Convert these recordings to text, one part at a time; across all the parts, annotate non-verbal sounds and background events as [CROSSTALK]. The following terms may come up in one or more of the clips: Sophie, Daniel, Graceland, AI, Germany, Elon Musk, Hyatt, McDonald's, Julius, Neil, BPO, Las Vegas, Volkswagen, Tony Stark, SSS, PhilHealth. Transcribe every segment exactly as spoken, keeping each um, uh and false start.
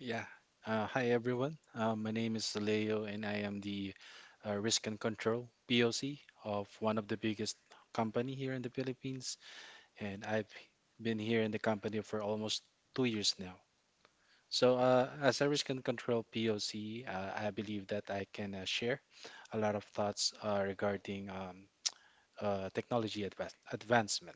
Yeah. Uh, hi, everyone. Uh, my name is Leo, and I am the uh, risk and control P O C of one of the biggest company here in the Philippines. And I've been here in the company for almost two years now. So, uh, as a risk and control P O C, uh, I believe that I can uh, share a lot of thoughts uh, regarding um, uh, technology adva- advancement.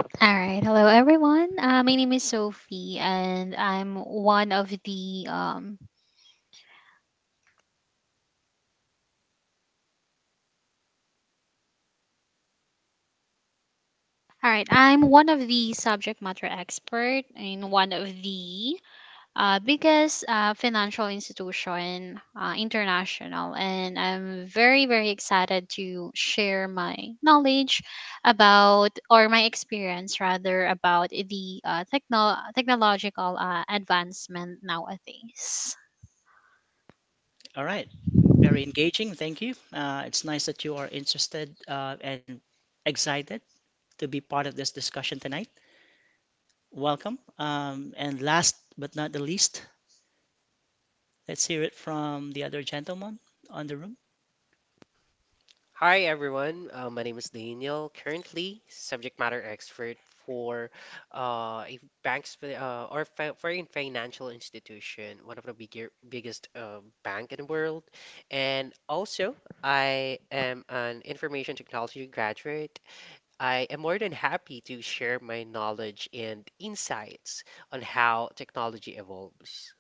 All right. Hello, everyone. Uh, my name is Sophie, and I'm one of the um. All right, I'm one of the subject matter expert in one of the uh, biggest uh, financial institution, uh, international, and I'm very very excited to share my knowledge about, or my experience rather, about the uh, techno- technological uh, advancement nowadays. Hi everyone, uh, my name is Daniel, currently subject matter expert for uh, a banks uh, or fi- for a financial institution, one of the bigger, biggest uh, bank in the world, and also I am an information technology graduate. I am more than happy to share my knowledge and insights on how technology evolves.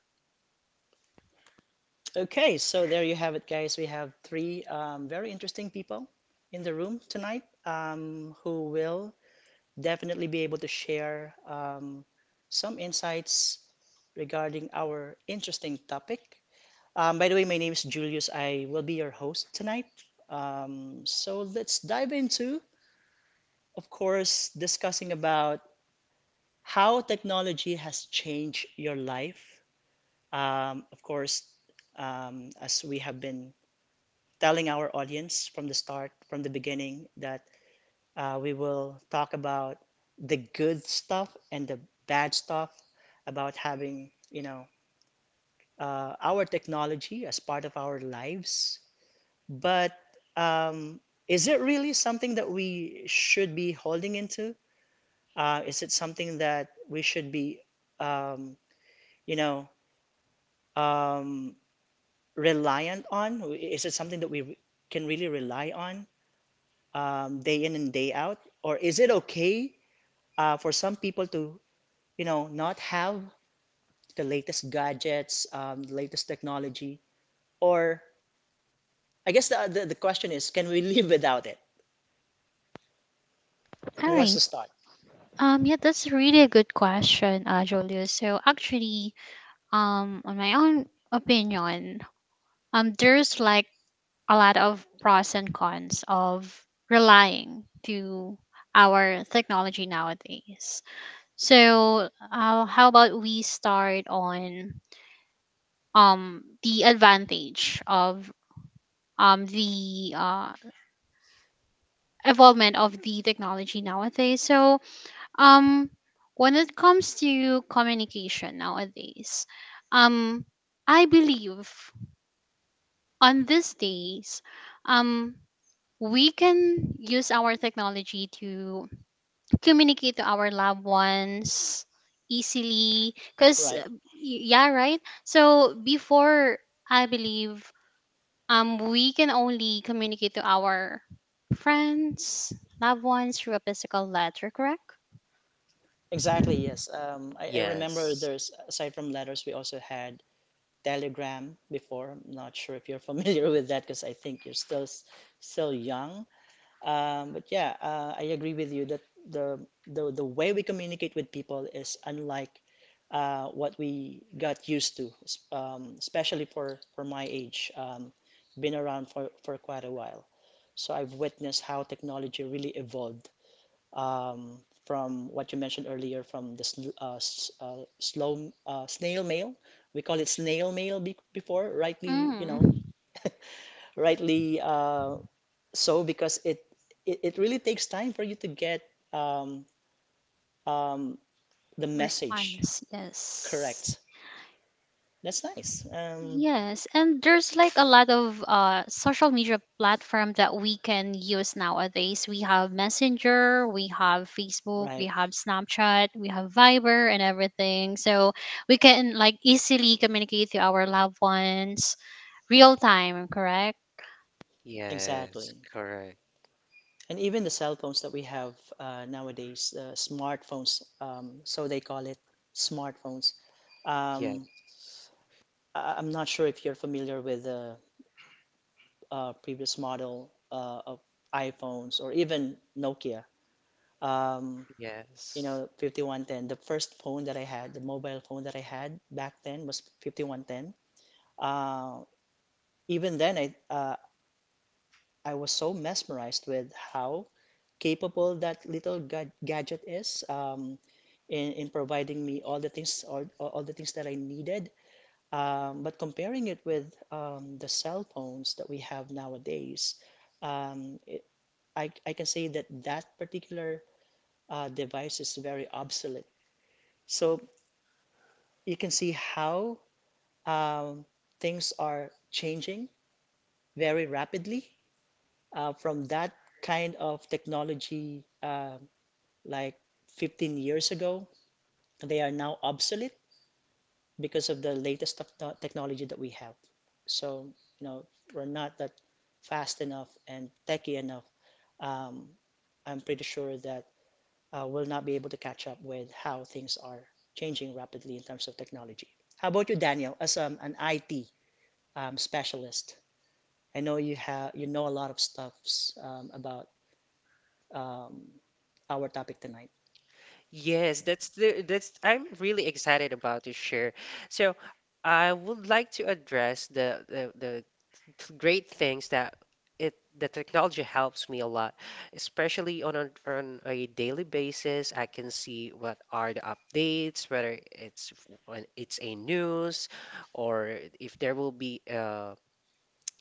All right. Um, yeah, that's really a good question, uh, Julius. So actually, um, on my own opinion, um, there's like a lot of pros and cons of relying to our technology nowadays. So, uh, how about we start on um the advantage of um the uh evolvement of the technology nowadays? So, Um, when it comes to communication nowadays, um, I believe on these days, um, we can use our technology to communicate to our loved ones easily. Cause uh, y- yeah, right. So before, I believe, um, we can only communicate to our friends, loved ones through a physical letter, correct? Yes, Mm. Response, yes, yes. And there's like a lot of uh social media platform that we can use nowadays. We have Messenger, we have Facebook, we have Snapchat, we have Viber, and everything. So we can like easily communicate to our loved ones real time, correct? yes, correct. Yes, yes. Yes, that's the that's I'm really excited about this share. So I would like to address the the, the th- great things that it the technology helps me a lot, especially on a, on a daily basis. I can see what are the updates, whether it's f- when it's a news or if there will be uh,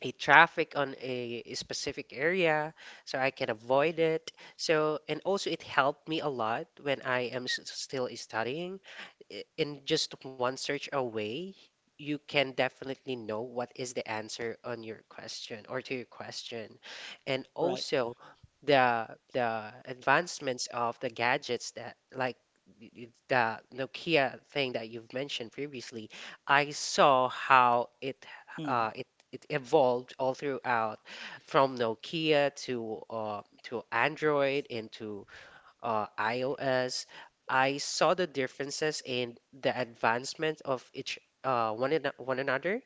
a traffic on a specific area so I can avoid it. So, and also it helped me a lot when I am s- still studying. I- In just one search away, you can definitely know what is the answer on your question or to your question. And also the the advancements of the gadgets that like y- y- the Nokia thing that you've mentioned previously, I saw how it uh, it it evolved all throughout from Nokia to uh, to Android into uh, iOS. I saw the differences in the advancement of each uh, one ano- one another.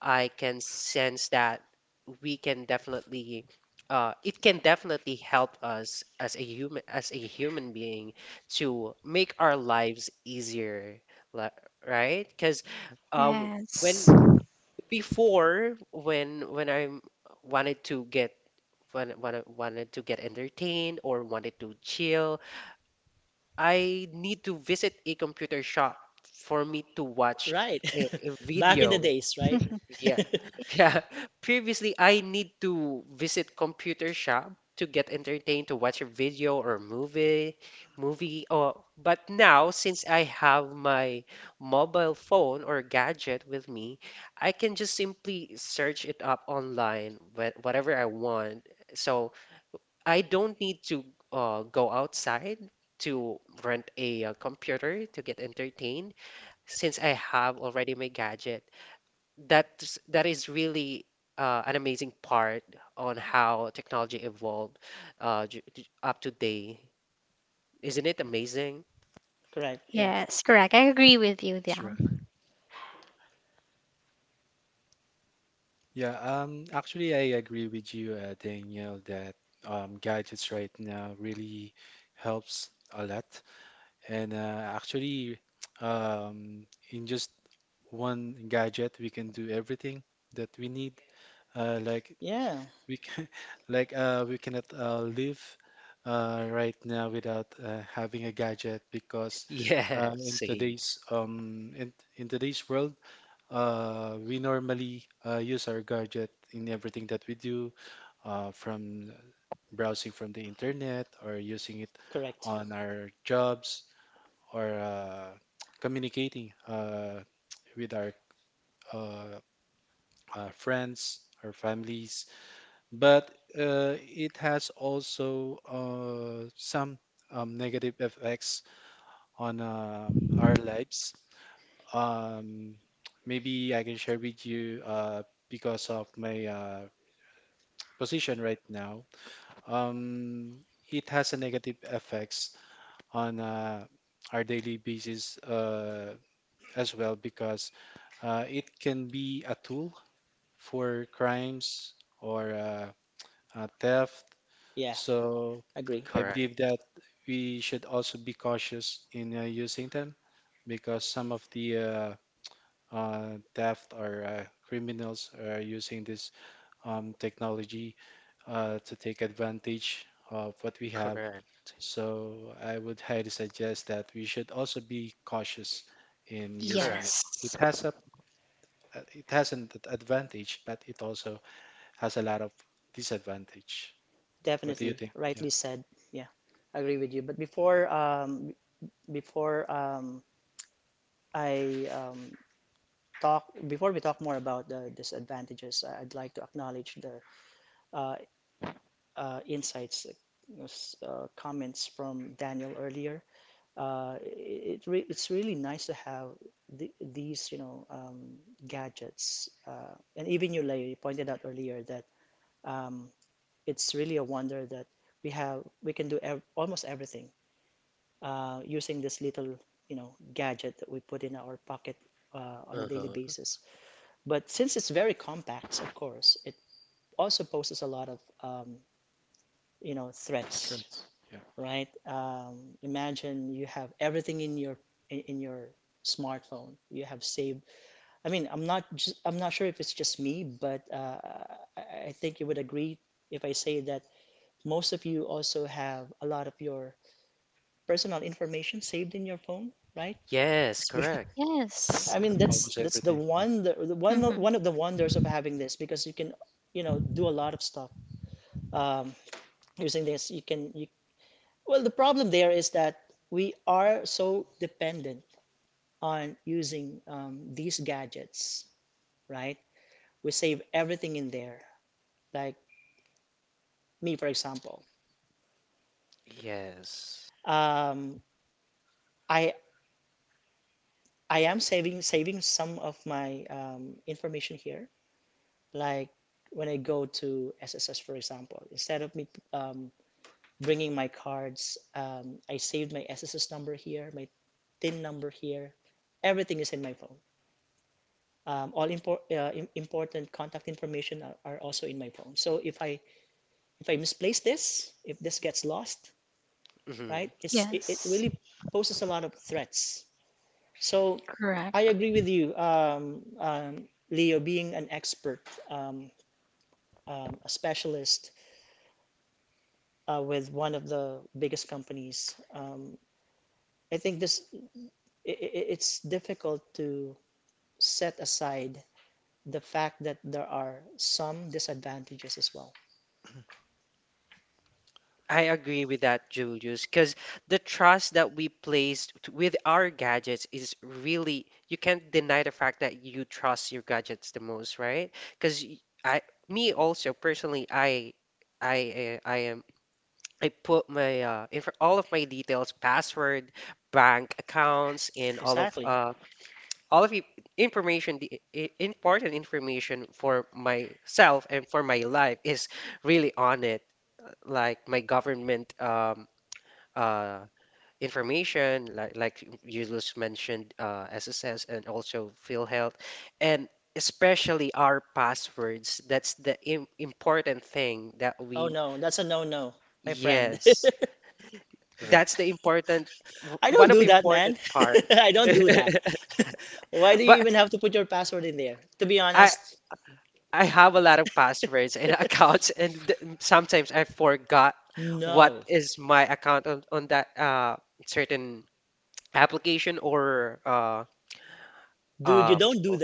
I can sense that we can definitely uh, it can definitely help us as a human as a human being to make our lives easier, li- right? Because uh, Yes. when before when when I wanted to get when, when I wanted to get entertained or wanted to chill, I need to visit a computer shop for me to watch a, a video. [LAUGHS] Yeah. [LAUGHS] Yeah. Previously, I need to visit computer shop to get entertained, to watch a video or movie, movie. Oh, but now since I have my mobile phone or gadget with me, I can just simply search it up online, wha- whatever I want. So I don't need to uh, go outside to rent a, uh computer to get entertained since I have already my gadget that's that is really uh, an amazing part on how technology evolved uh, j- j- up to day. Isn't it amazing? Yes, correct. I agree with you, Dan. Yeah, um, actually, I agree with you, uh, Daniel, that um, gadgets right now really helps a lot. And uh, actually, [TSK] um, in just one gadget, we can do everything that we need. Uh, Yes. [LAUGHS] like we can, [LAUGHS] like uh, we cannot uh, live uh, right now without uh, having a gadget, because uh, Yeah, in same. today's um in, in today's world uh, we normally uh, use our gadget in everything that we do, uh, from browsing from the internet, or using it on our jobs, or uh, [TSK] communicating uh, with our uh, uh, friends or families. But uh, it has also uh, some um, negative effects on um, our lives. Um, Maybe I can share with you uh, because of my uh, position right now. Um, it has a negative effects on uh, our daily basis uh, as well, because uh, it can be a tool for crimes or uh, uh, theft. So I Correct. believe that we should also be cautious in uh, using them, because some of the uh, uh, theft or uh, criminals are using this um, technology uh, to take advantage of what we have. Correct. So I would highly suggest that we should also be cautious in using Correct. it. Yes, It has a uh, it has an ad- advantage, but it also has a lot of disadvantage. What do you think? Yeah, Uh-huh. drugs. Yeah, Yes, correct. yes. almost everything. Yeah, mm-hmm. Yes. hmm Yes, correct. I agree with that, Julius, because the trust that we place t- with our gadgets is really, you can't deny the fact that you trust your gadgets the most, right? Because I, me also personally, I, I, uh, I am, I put my, uh, inf all of my details, password, bank accounts, and all of, uh, all of the information, the i- important information for myself and for my life is really on it. Like my government um, uh, information, like like you just mentioned, uh, S S S and also PhilHealth, and especially our passwords. That's the im important thing that we, yes, that's correct. the important, w- one of the important part. [LAUGHS] But I, I have a lot of passwords and [LAUGHS] accounts, and th- sometimes I forgot what is my account on, on that uh, certain application or uh, uh, what you call.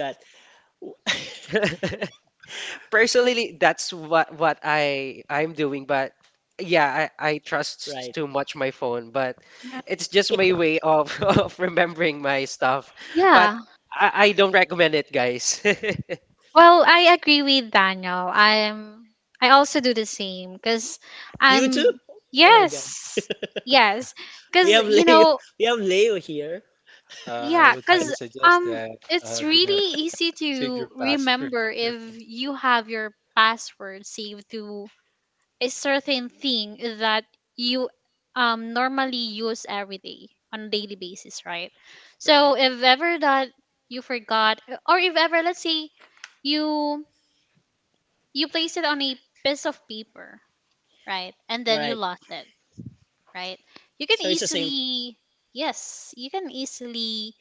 [LAUGHS] Personally, that's what what I I'm doing, but yeah, I, I trust too much my phone, but Uh, it's just my way of [LAUGHS] of remembering my stuff. But Yeah. I, I don't recommend it, guys. [LAUGHS] Well, I agree with Daniel. I'm I also do the same cuz I'm yes. Yes. Cuz, you know, Uh, I yeah, would highly cuz suggest um that it's uh, do not really easy to save your password [LAUGHS] on remember your if phone. you have your password saved to a certain thing that you um normally use every day on a daily basis, right? So if ever that you forgot, or if ever let's say you you place it on a piece of paper, right? And then you lost it, right? You can easily Yes, you can easily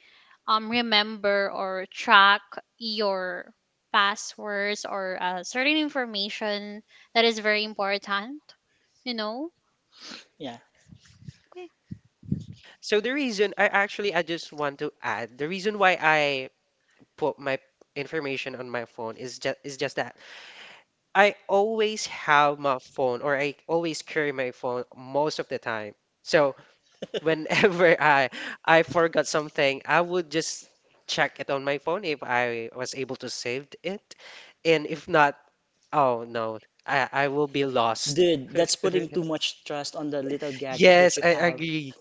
um remember or track your passwords or uh, certain information that is very important, you know? So the reason I actually I just want to add the reason why I put my information on my phone is just is just that I always have my phone or I always carry my phone most of the time. So whenever [LAUGHS] I I forgot something, I would just check it on my phone if I was able to save it, and if not, oh no, I I will be lost. [LAUGHS] Yes, I agree.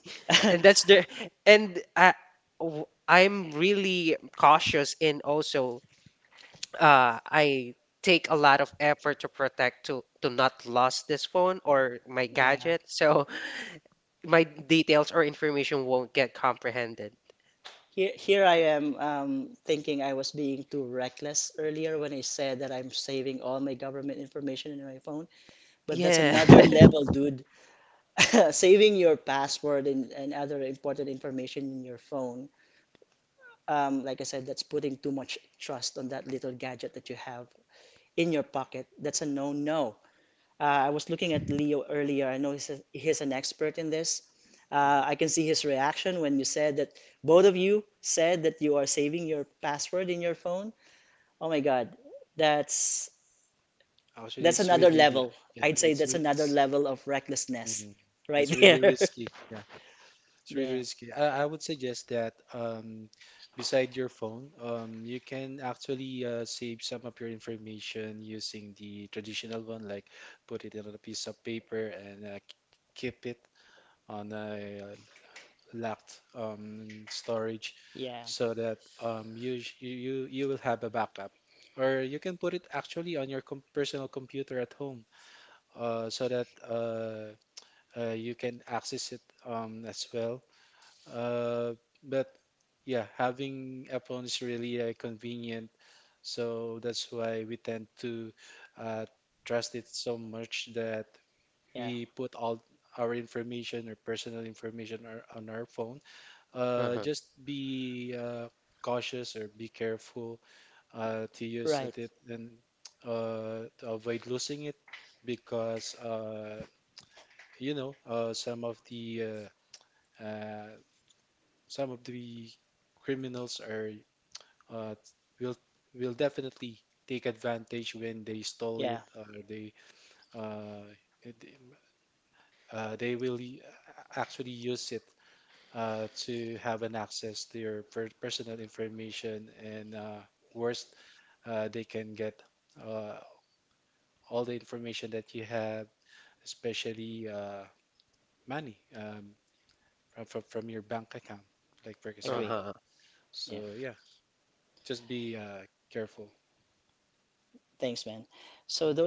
And that's the and I w- I'm really cautious in also uh, I take a lot of effort to protect to to not lose this phone or my gadget, so [LAUGHS] my details or information won't get comprehended. Yeah. [LAUGHS] [LAUGHS] Mhm. Actually, it's really, uh, yeah, it's re- it's mhm. It's really risky. Yeah, it's really risky. I, I would suggest that um, beside your phone, um, you can actually uh, save some of your information using the traditional one, like put it in a piece of paper and uh, k- keep it on a uh, locked um, storage, so that um, you, sh- you you you will have a backup, or you can put it actually on your com personal computer at home uh, so that uh, uh, you can access it um, as well. Uh, but yeah, having a phone is really uh, convenient, so that's why we tend to uh, trust it so much that we put all our information or personal information are on our phone. uh, Uh-huh. just be uh, cautious or be careful uh, to use it it and uh, to avoid losing it, because uh, you know uh, some of the uh, uh, some of the criminals are uh, will will definitely take advantage when they stole it, or they uh, it- uh, they will actually use it uh, to have an access to your per- personal information, and uh, worst, uh, they can get uh, all the information that you have, especially uh, money um, from, from from your bank account, like for example. Uh-huh. So yeah, just be uh, careful. Mhm.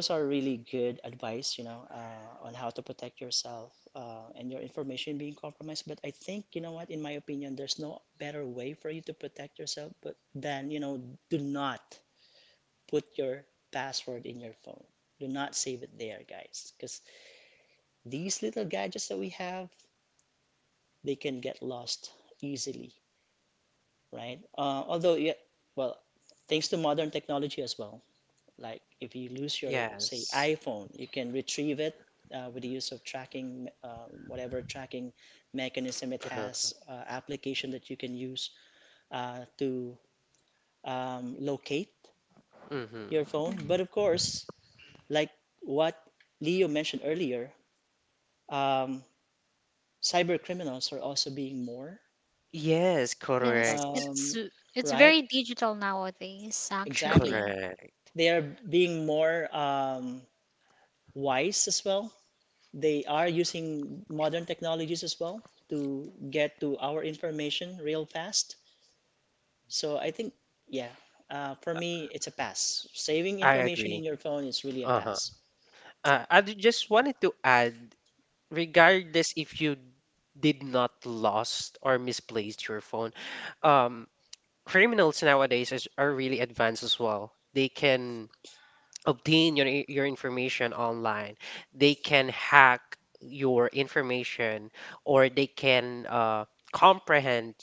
Yes. Uh-huh. Mm-hmm. Mhm. Yes, Yes, correct. it's it's very digital nowadays, actually. Correct. I agree. Uh-huh. Uh, I ju- just wanted to add, regardless if you did not lost or misplaced your phone, um, criminals nowadays is, are really advanced as well. They can obtain your i- your information online. They can hack your information, or they can uh, comprehend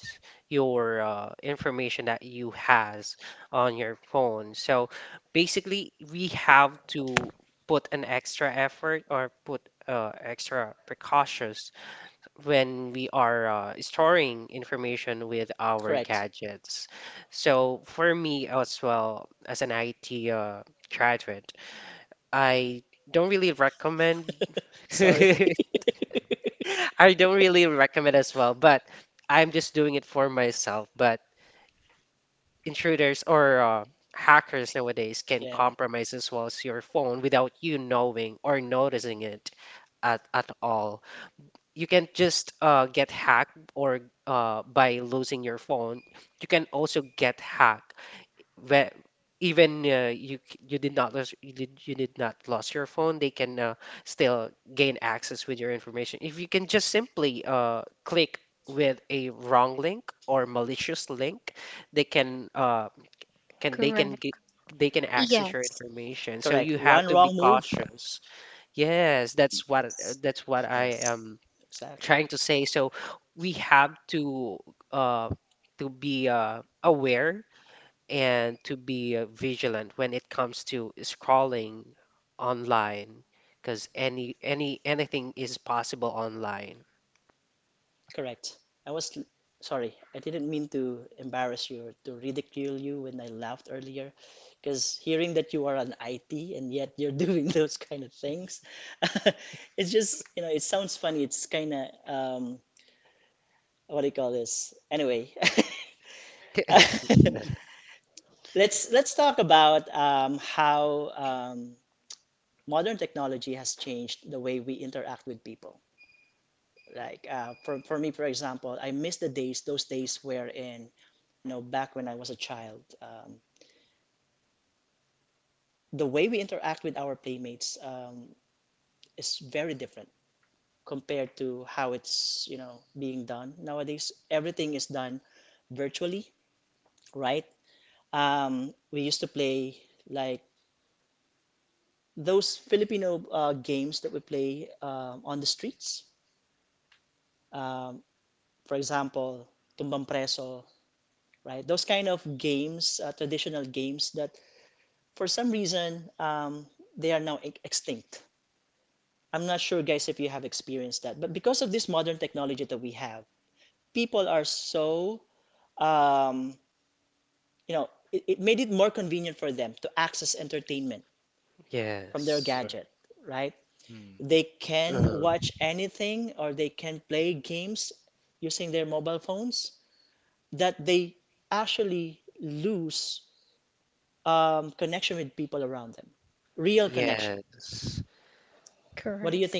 your uh, information that you has on your phone. So basically, we have to put an extra effort or put uh, extra precautions when we are uh, storing information with our gadgets. So for me as well, as an I T uh, graduate, I don't really recommend. [LAUGHS] I don't really recommend as well, but I'm just doing it for myself. But intruders or uh, hackers nowadays can compromise as well as your phone without you knowing or noticing it at, at all. You can't just uh, get hacked or uh, by losing your phone. You can also get hacked. Where even uh, you c- you did not lose you did you did not lose your phone, they can uh, still gain access with your information. If you can just simply uh, click with a wrong link or malicious link, they can uh, can they can Correct. get they can access your Yes, information. So you have to be cautious. Yes, that's what that's what I Yeah, am trying to say. So we have to uh, to be uh, aware and to be uh, vigilant when it comes to scrolling online, because any any anything is possible online. Mm. Yes. mm, Uh, correct. yes. correct.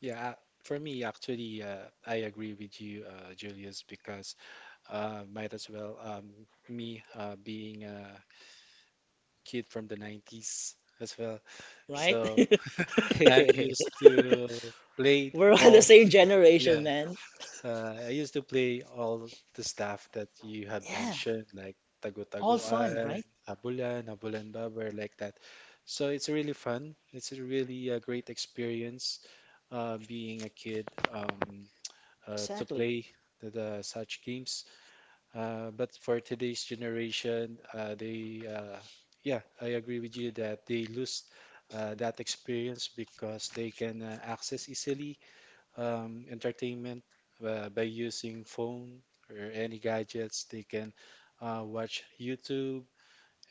Yeah, I- for me, actually, uh, I agree with you, uh, Julius, because uh, might as well um, me uh, being a kid from the nineties as well. So I'm [LAUGHS] used to play all, yeah, uh, I used to play all the stuff that you have mentioned, like tago-tagoan, habulan, habulan babar, like that. So it's really fun. It's a really a great experience uh, being a kid. Um, uh, to play the, the such games. Uh, but for today's generation, uh, they uh, yeah, I agree with you that they lose uh, that experience, because they can uh, access easily um, entertainment uh, by using phone or any gadgets. They can uh, watch YouTube,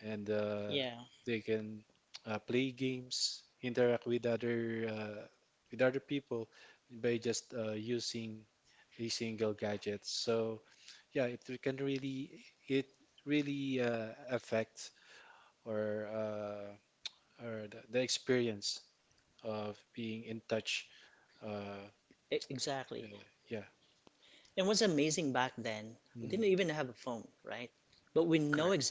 and uh, they can uh, play games, interact with other uh, with other people by just uh, using a single gadget. So yeah, it can really it really uh, affect or uh, or the, the experience of being in touch. Uh, yeah, yeah. Mm, Correct.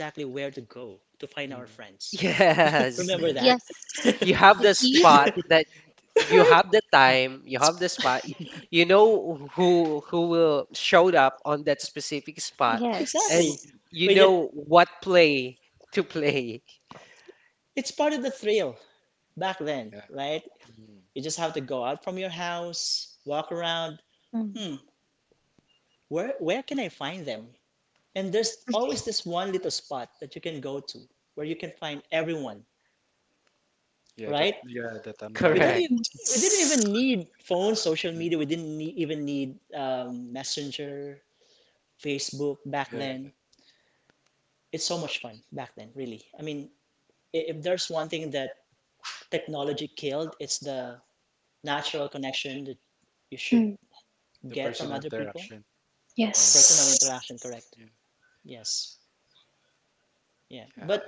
mm, Yes. Yes, You have y- the you. spot that you have the time, you have the spot. y- You know who who will showed up on that specific spot, and Yes. you know what play to play. yeah, mm, Mm. yeah. That yeah, that [LAUGHS] tambayan. Correct. Yes. Mm. Yeah, yeah. The personal interaction. Yeah. Yeah, yeah, yeah.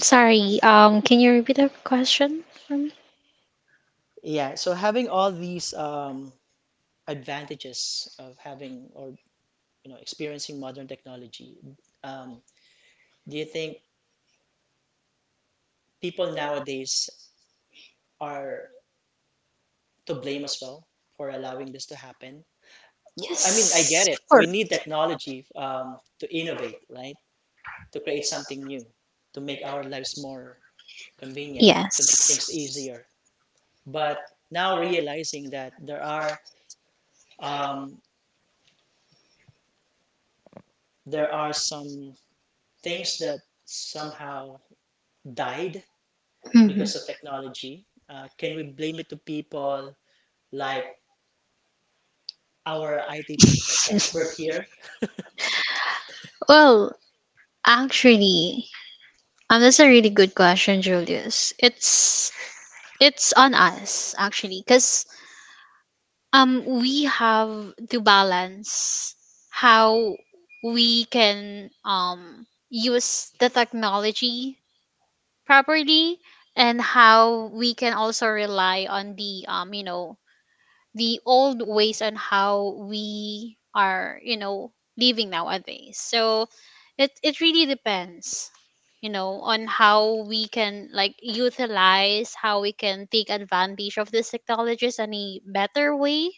Sorry. Um, can you repeat the question for me? Yes. Sure. Yes. Mhm. Well, actually, Um, that's a really good question, Julius. It's it's on us actually, because um we have to balance how we can um use the technology properly and how we can also rely on the um you know the old ways on how we are, you know, living nowadays. So it it really depends, you know, on how we can like utilize, how we can take advantage of this technologies in a better way,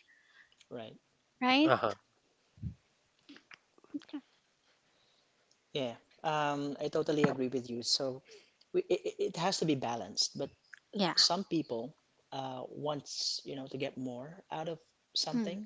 right? Uh-huh. Yeah. Mm.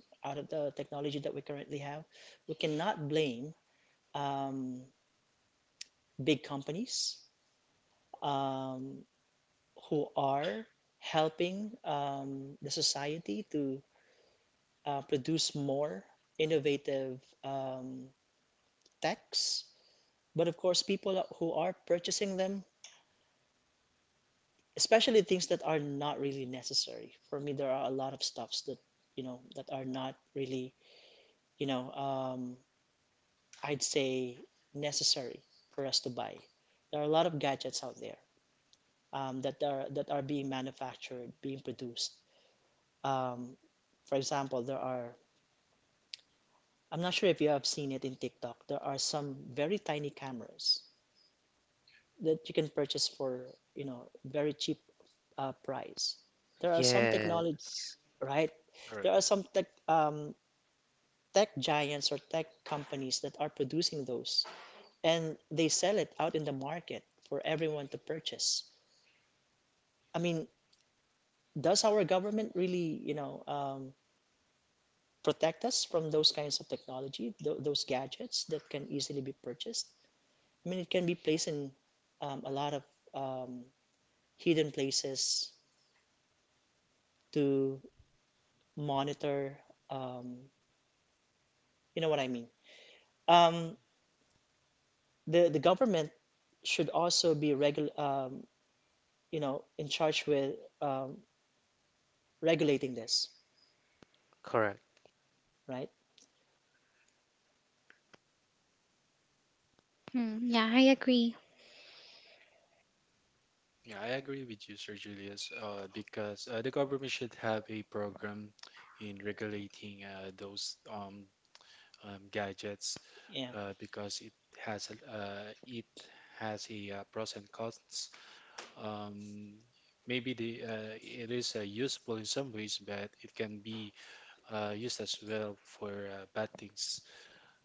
Yes. Correct. Correct. Mm. Yeah, I agree. Yeah, I agree with you, Sir Julius, uh, because uh, the government should have a program in regulating uh, those um, um, gadgets, uh, because it has a- uh, it has a uh, pros and cons. um, Maybe the uh, it is uh, useful in some ways, but it can be uh, used as well for uh, bad things.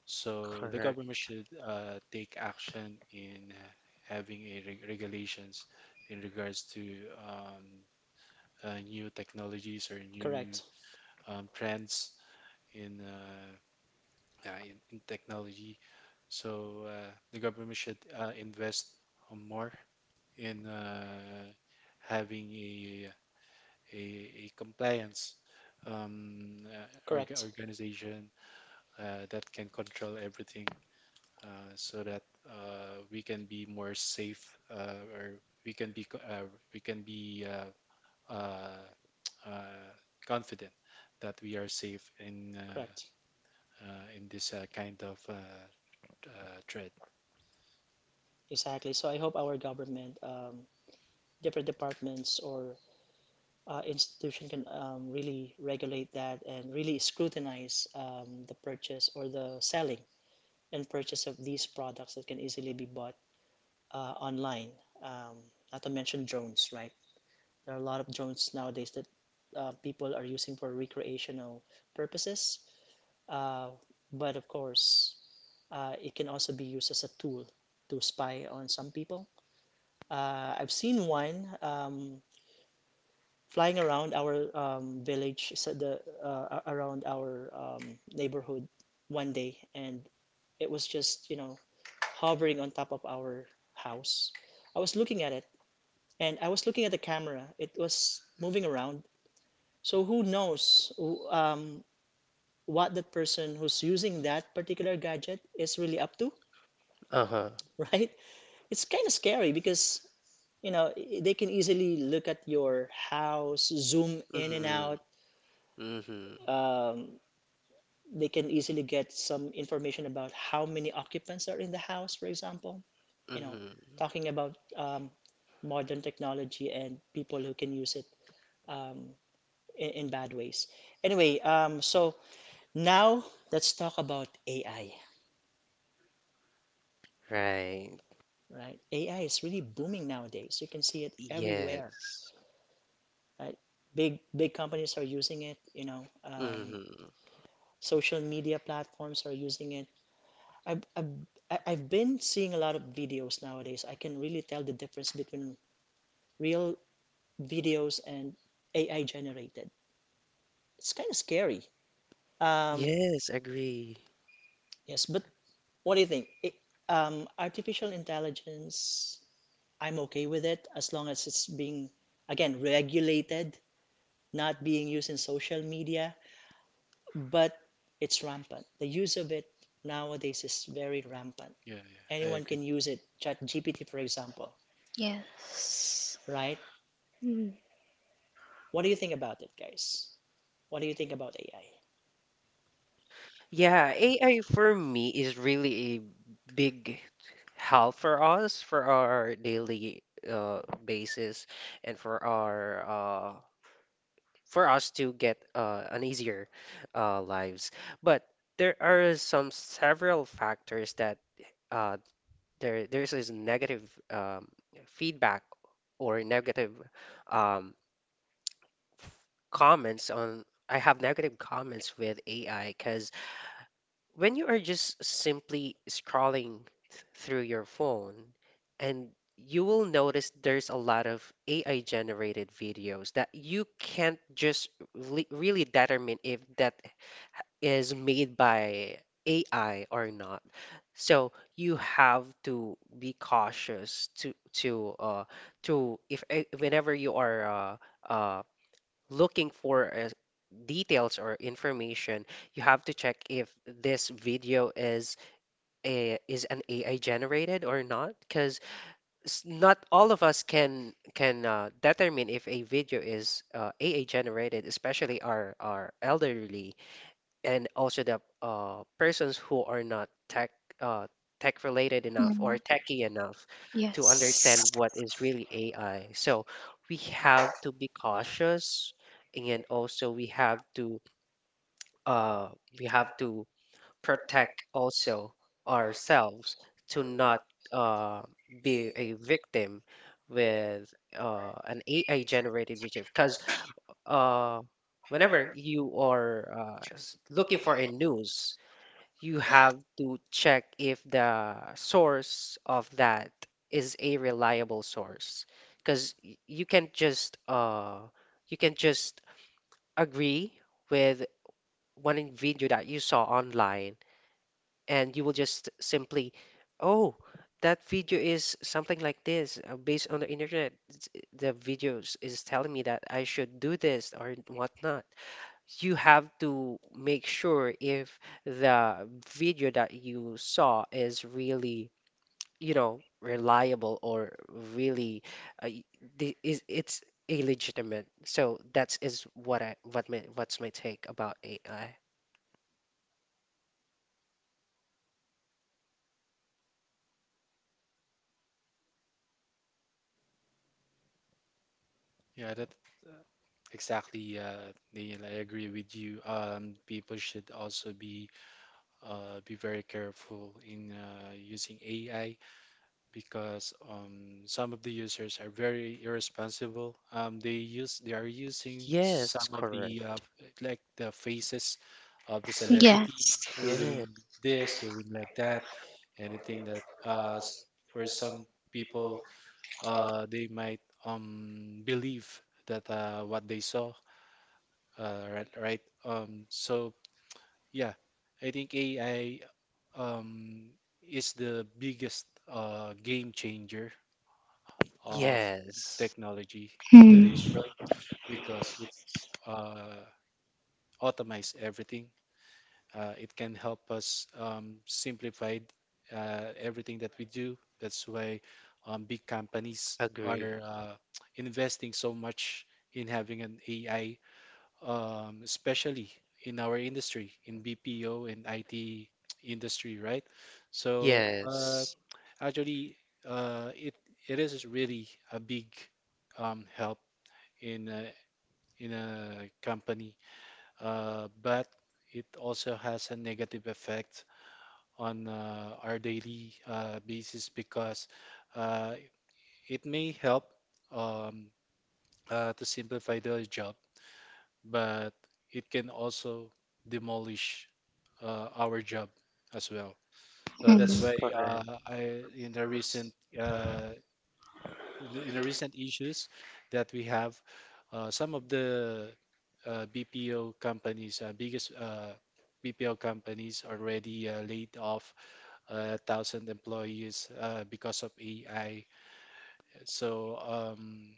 So the Correct. government should uh, take action in uh, having a reg regulations in regards to um, uh, new technologies or new um, trends in, uh, uh, in in technology. So uh, the government should uh, invest more in uh, having a a, a compliance um, uh, org- organization uh, that can control everything, uh, so that uh, we can be more safe, uh, or we can be co- uh, we can be uh, uh, [TSK] uh, confident that we are safe in uh, uh, in this uh, kind of uh, uh, threat. Uh-huh. Mm-hmm. Mm-hmm. Mm-hmm. Right. Yes. Mm-hmm. Yes, agree. Yeah, yeah, I agree. Yes. Mm. Yeah, A I for me is really a big help for us for our daily uh, basis and for our uh, for us to get uh, an easier uh, lives. But there are some several factors that uh, there there's this negative um, feedback or negative um, comments on. I have negative comments with A I because when you are just simply scrolling th- through your phone and you will notice there's a lot of A I generated videos that you can't just really really determine if that is made by A I or not. So you have to be cautious to to uh to if eh, whenever you are uh uh, looking for uh, details or information, you have to check if this video is a is an A I generated or not, because not all of us can can uh, determine if a video is uh, A I generated, especially our our elderly and also the uh, persons who are not tech uh, tech related enough Mm. or techie enough to understand Yes. what is really A I. So we have to be cautious, and also we have to uh, we have to protect also ourselves to not uh, be a victim with uh, an A I generated video because uh, whenever you are uh, s- looking for a news you have to check if the source of that is a reliable source because you can't just uh you can just agree with one video that you saw online and you will just simply oh that video is something like this uh, based on the internet it's- the videos is telling me that I should do this or whatnot. You have to make sure if the video that you saw is really, you know, reliable or really uh, y- the- is it's illegitimate. So that's is what I what my what's my take about A I. Yeah, that exactly, uh, Neil. I agree with you. Um, people should also be uh, be very careful in uh, using A I, because um, some of the users are very irresponsible. Um, they use they are using Yes, some of correct. the uh, like the faces of the celebrity Yes. Yeah. doing this, doing like that, anything that uh, s- for some people uh, they might um, believe that uh, what they saw, uh, right, right? Um, so yeah, I think A I um, is the biggest uh, game changer of Yes. technology in Hmm, today's world, because it's uh, automates everything. Uh, it can help us um, simplify uh, everything that we do. That's why um, big companies are Agree. uh, [TSK] investing so much in having an A I, um, especially in our industry, in B P O and I T industry, right? So uh, Yes. actually, uh, it it is really a big um, help in a, in a company, uh, but it also has a negative effect on uh, our daily uh, basis, because uh, it may help um, uh, to simplify the job, but it can also demolish uh, our job as well. So that's why hmm. Correct. uh, I, in the recent uh, in the in the recent issues that we have, uh, some of the uh, B P O companies, uh, biggest uh, B P O companies already uh, laid off uh, thousand employees uh, because of A I. So um,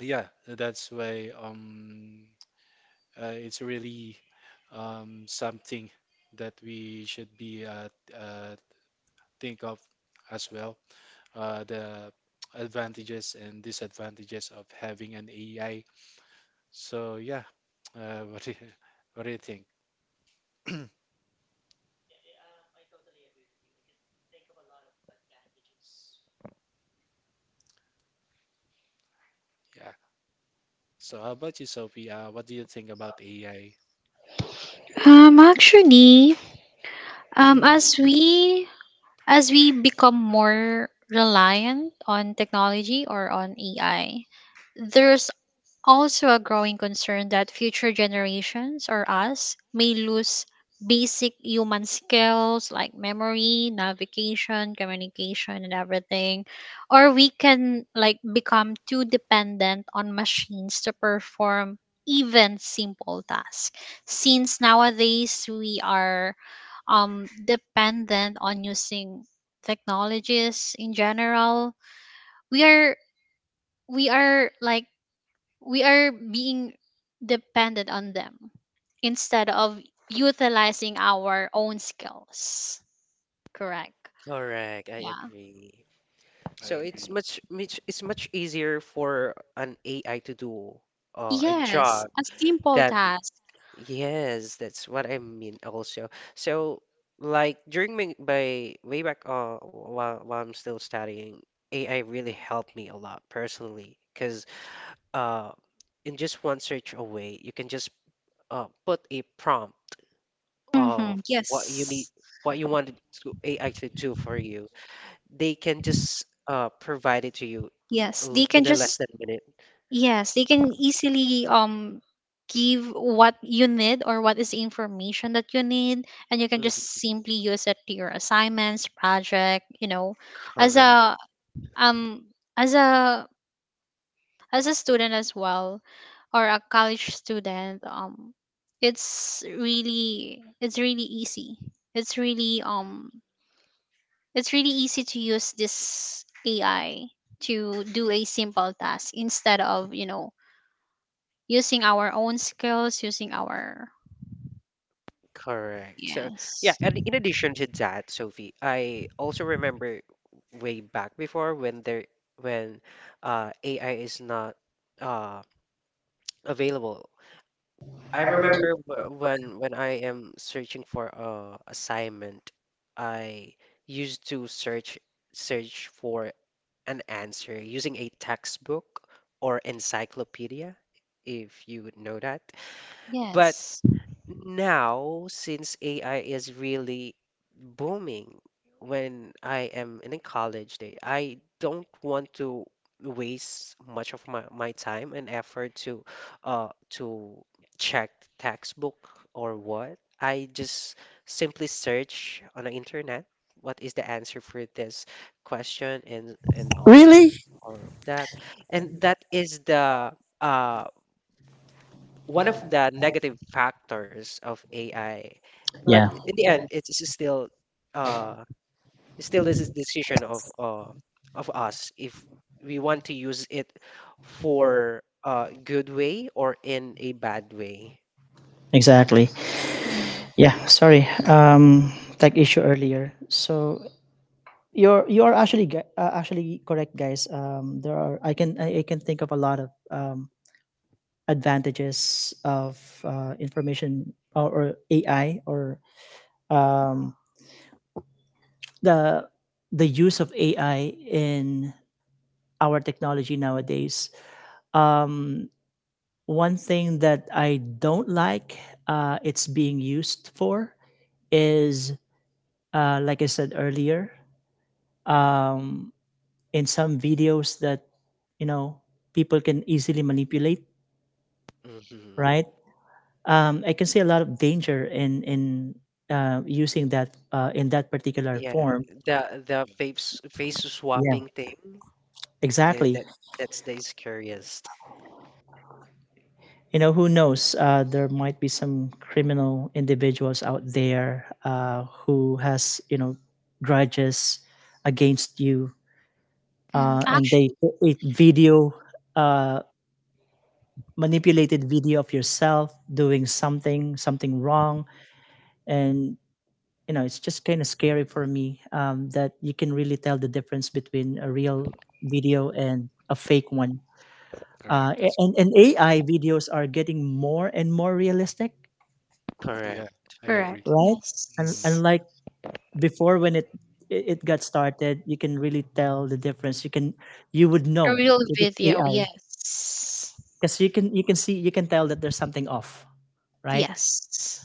yeah, that's why um, uh, it's really um, something that we should be uh, uh, think of as well, uh, the advantages and disadvantages of having an A I. So yeah, uh, [LAUGHS] what do you, what do you think? Yeah. So how about you, Sophie? Uh, what do you think about A I? Um, actually, um, as we as we become more reliant on technology or on A I, there's also a growing concern that future generations or us may lose basic human skills like memory, navigation, communication, and everything. Or we can like become too dependent on machines to perform even simple tasks, since nowadays we are um dependent on using technologies. In general, we are we are like we are being dependent on them instead of utilizing our own skills. Correct. Correct. I Yeah. agree. I I So it's agree. much, much it's much easier for an A I to do uh, a Yes, job a simple than task. yes, that's what I mean also. So like during my, by way back uh, while while I'm still studying, A I really helped me a lot personally because uh, in just one search away, you can just uh, put a prompt Mm-hmm. of what you need, Yes. what you wanted to A I to Yeah, do for you. They can just uh, provide it to you Yes, l- they can in a less just than minute. Yes, they can easily um give what you need, or what is the information that you need, and you can just Mhm. simply use it to your assignments, project, you know, as Correct, a um as a as a student as well, or a college student. Um it's really it's really easy. it's really um it's really easy to use this AI to do a simple task instead of you know using our own skills, using our correct. So yeah, yes, and in addition to that, Sophie, I also remember way back before when there when uh A I is not uh available. I remember wh- when when I am searching for a assignment, I used to search search for an answer using a textbook or encyclopedia, if you would know that. But yes. now, since A I is really booming when I am in a college day, I don't want to waste much of my, my time and effort to uh to check the textbook or what. I just simply search on the internet what is the answer for this question and and all of the, all of that. And that is the uh one of the negative factors of A I. But in the end, it's s- still uh still this is decision of uh of us if we want to use it for a good way or in a bad way. Mm. hmm Yeah, the the yeah, face face swapping thing. Yeah, that that's the scariest. Mm, actually, correct. That's correct. Yeah, Correct. I agree. correct. Mm, Yes, a real video. Yes, yes,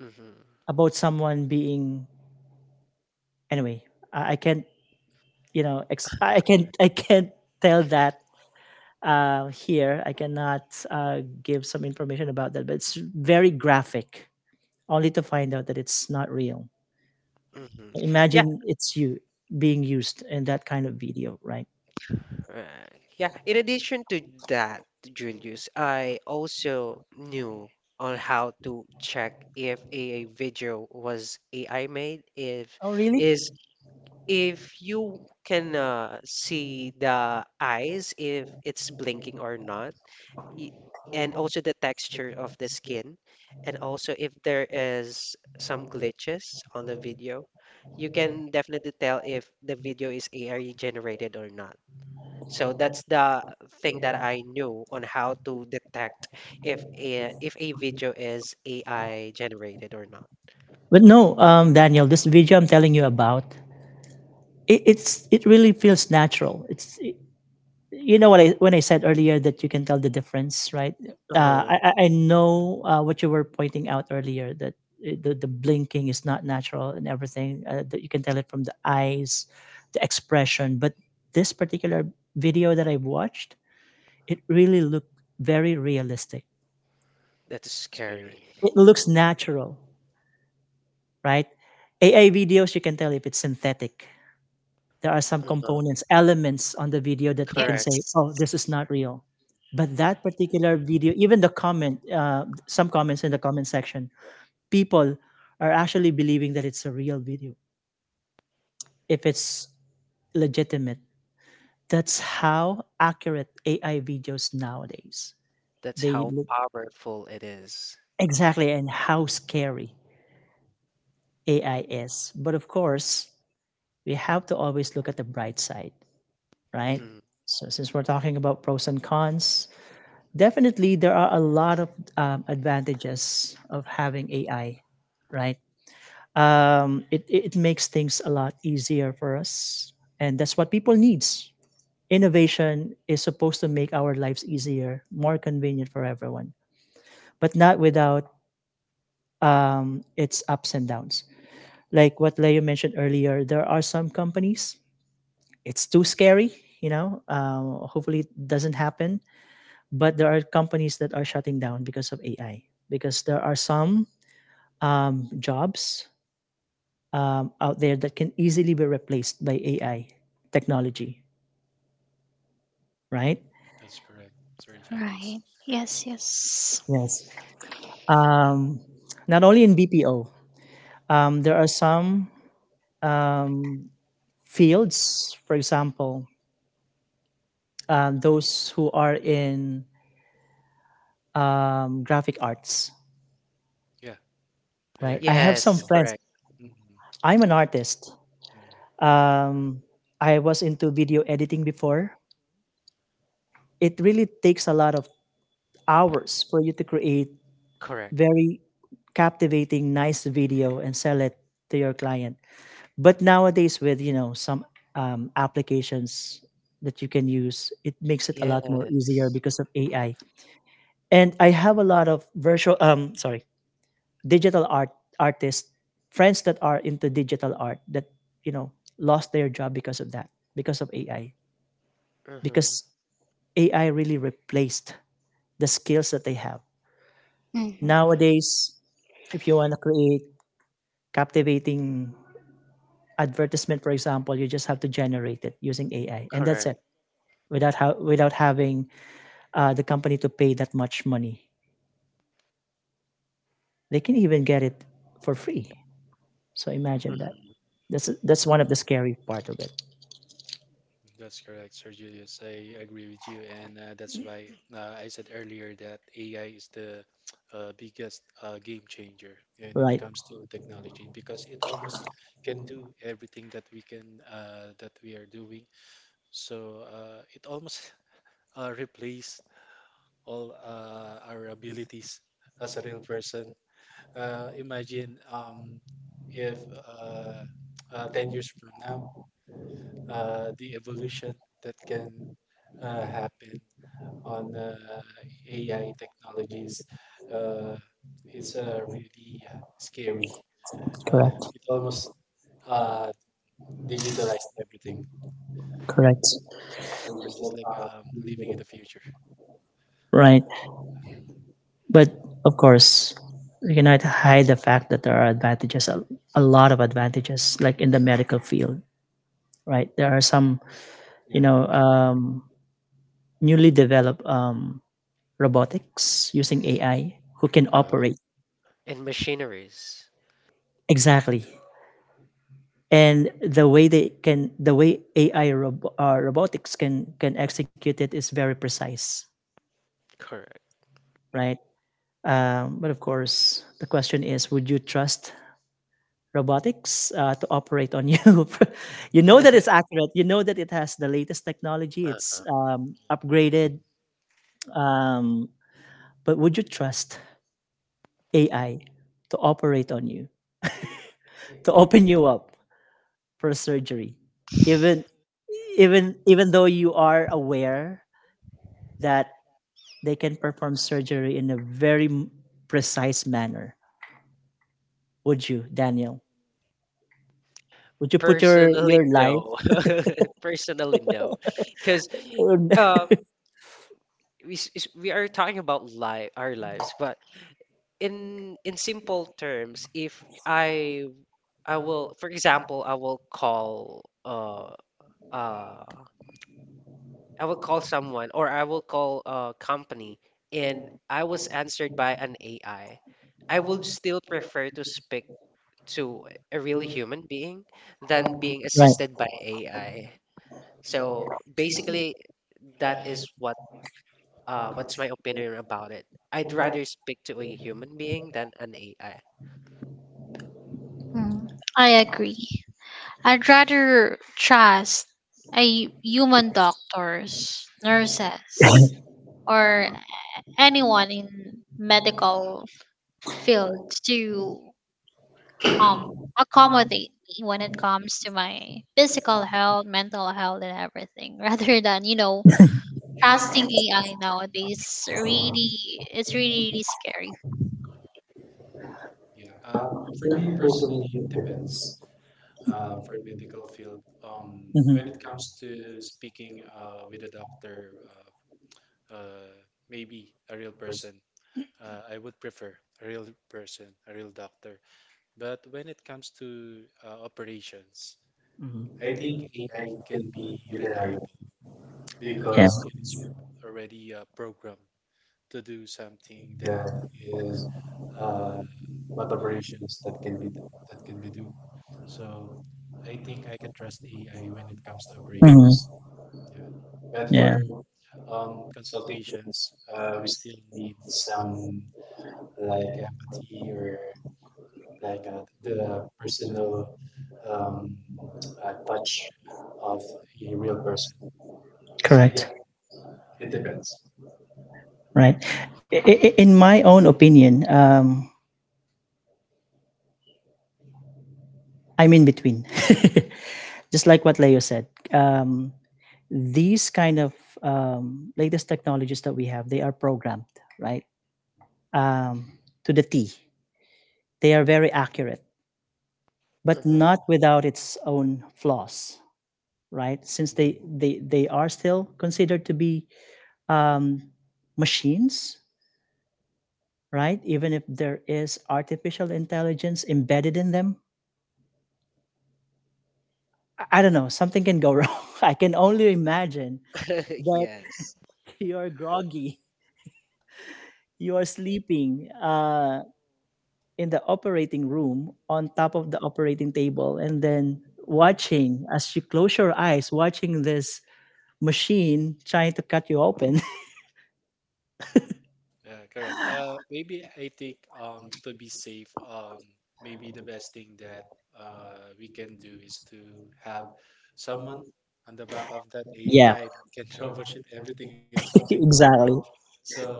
hmm hmm [LAUGHS] Right. Yeah, in addition to that, Julius, I also knew on how to check if a video was A I made, if is if you can uh, see the eyes, if it's blinking or not, y- and also the texture of the skin, and also if there is some glitches on the video, you can definitely tell if the video is A I generated or not. So that's the thing that I knew on how to detect if a, if a video is A I generated or not. Uh-huh. That is scary. scary. Yeah, Uh-huh. Correct. yes. That's how powerful it is. Mhm. that's correct. Sorry, Right. Julius. Yes, yes. Yeah, I agree. Yes, Yeah. correct. Mm, mm. Correct. Yes. Uh-huh. Hmm. Correct. Mhm. That's correct, Sir Julius. I agree with you, and uh, that's why uh, I said earlier that A I is the uh, biggest uh, game changer when it comes to technology, because it almost can do everything that we can uh, that we are doing. So uh, it almost [LAUGHS] uh, replaced all uh, our abilities as a real person. Uh, imagine um, if uh, uh, ten years from now, uh, the evolution that can uh, happen on uh, A I technologies uh, is uh, really uh, scary. Uh, it almost uh, digitalized everything. We're just like um, living in the future. Yeah, yeah, Uh-huh. And machineries. Correct. Uh-huh. mhm, [LAUGHS] Personally, no. [LAUGHS] Personally, no. Because um, we s- is- we are talking about life, our lives, but in in simple terms, if I I will, for example, I will call uh uh I will call someone or I will call a company, and I was answered by an A I. I I would still prefer to speak to a real human being than being assisted by A I. So basically, that is what uh what's my opinion about it. I'd rather speak to a human being than an A I. Mm. I agree. I'd rather trust a human doctors, nurses, or anyone in medical field to um accommodate me when it comes to my physical health, mental health, and everything [LAUGHS] rather than, you know, trusting A I nowadays. Really, it's really, really scary. yeah. Uh, for me personally, it depends. Uh, for medical field, um, when it comes to speaking uh, with a doctor, uh, uh, maybe a real person, uh, I would prefer a real person, a real doctor. But when it comes to uh, operations, I think A I can be reliable, because it is already uh, programmed to do something that is uh, what operations that can be that can be done. So I think I can trust A I when it comes to operations. Yeah, but for um, consultations, uh, we still need some like empathy or like uh, the personal, um, a touch of a real person. So yeah, it depends. Mhm. [LAUGHS] Yes. Uh, correct. Uh, maybe I think um, to be safe, um, maybe the best thing that uh, we can do is to have someone on the back of that A I that can [LAUGHS] troubleshoot everything if something went wrong. So,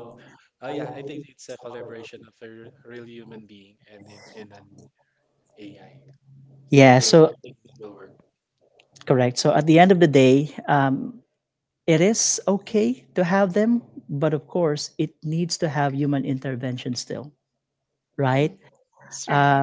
uh, yeah, I think it's a collaboration of a r- real human being and it- and an A I that will I think that will work. Mm. That's right.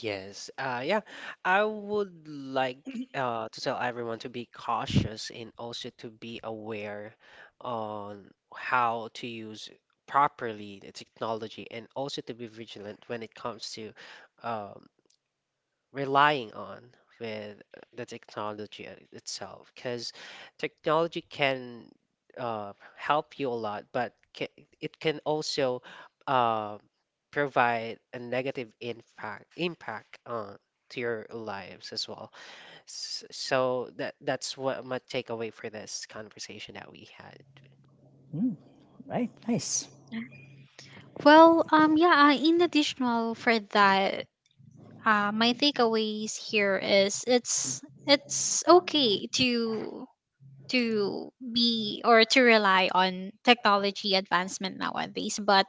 Yes. Uh, yeah. I would like uh, to tell everyone to be cautious and also to be aware on how to use properly the technology and also to be vigilant when it comes to um, relying on with the technology itself because technology can uh, help you a lot but ca it can also uh, provide a negative impact impact on to your lives as well. S- so that that's what my takeaway for this conversation that we had. Well, um, yeah, uh, in additional for that, uh, my takeaways here is, it's it's okay to to be or to rely on technology advancement nowadays, but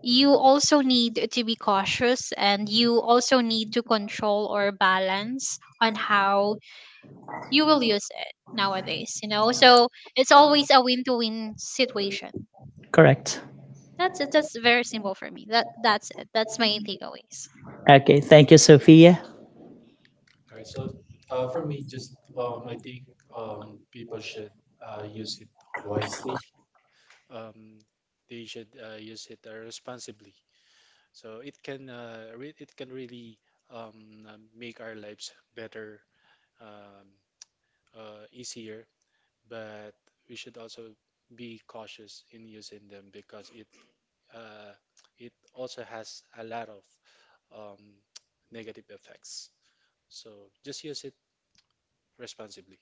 you also need to be cautious and you also need to control or balance on how you will use it nowadays, you know? So it's always a win-to-win situation. That's it. That's very simple for me. That that's it. That's my takeaways. All right, so uh, for me, just um, I think um, people should uh, use it wisely. Um, they should uh, use it uh, responsibly. So it can uh, re it can really um, uh, make our lives better, um, uh, easier. But we should also be cautious in using them, because it uh, it also has a lot of um, [TSK] negative effects. So just use it responsibly.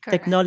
Correct.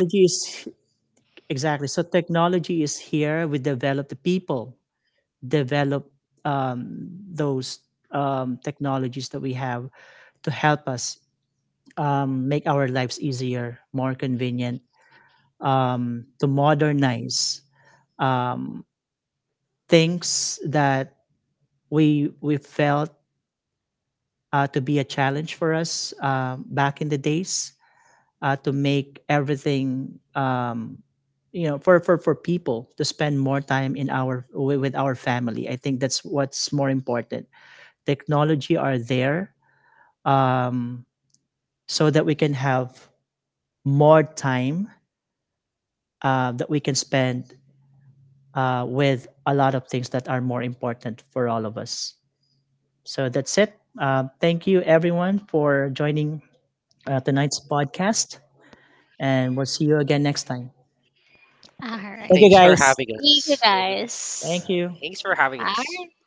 All Thank right. Thanks you. for having Thank you, Thank us. you, everyone. Bye guys. bye. Thanks for having us. All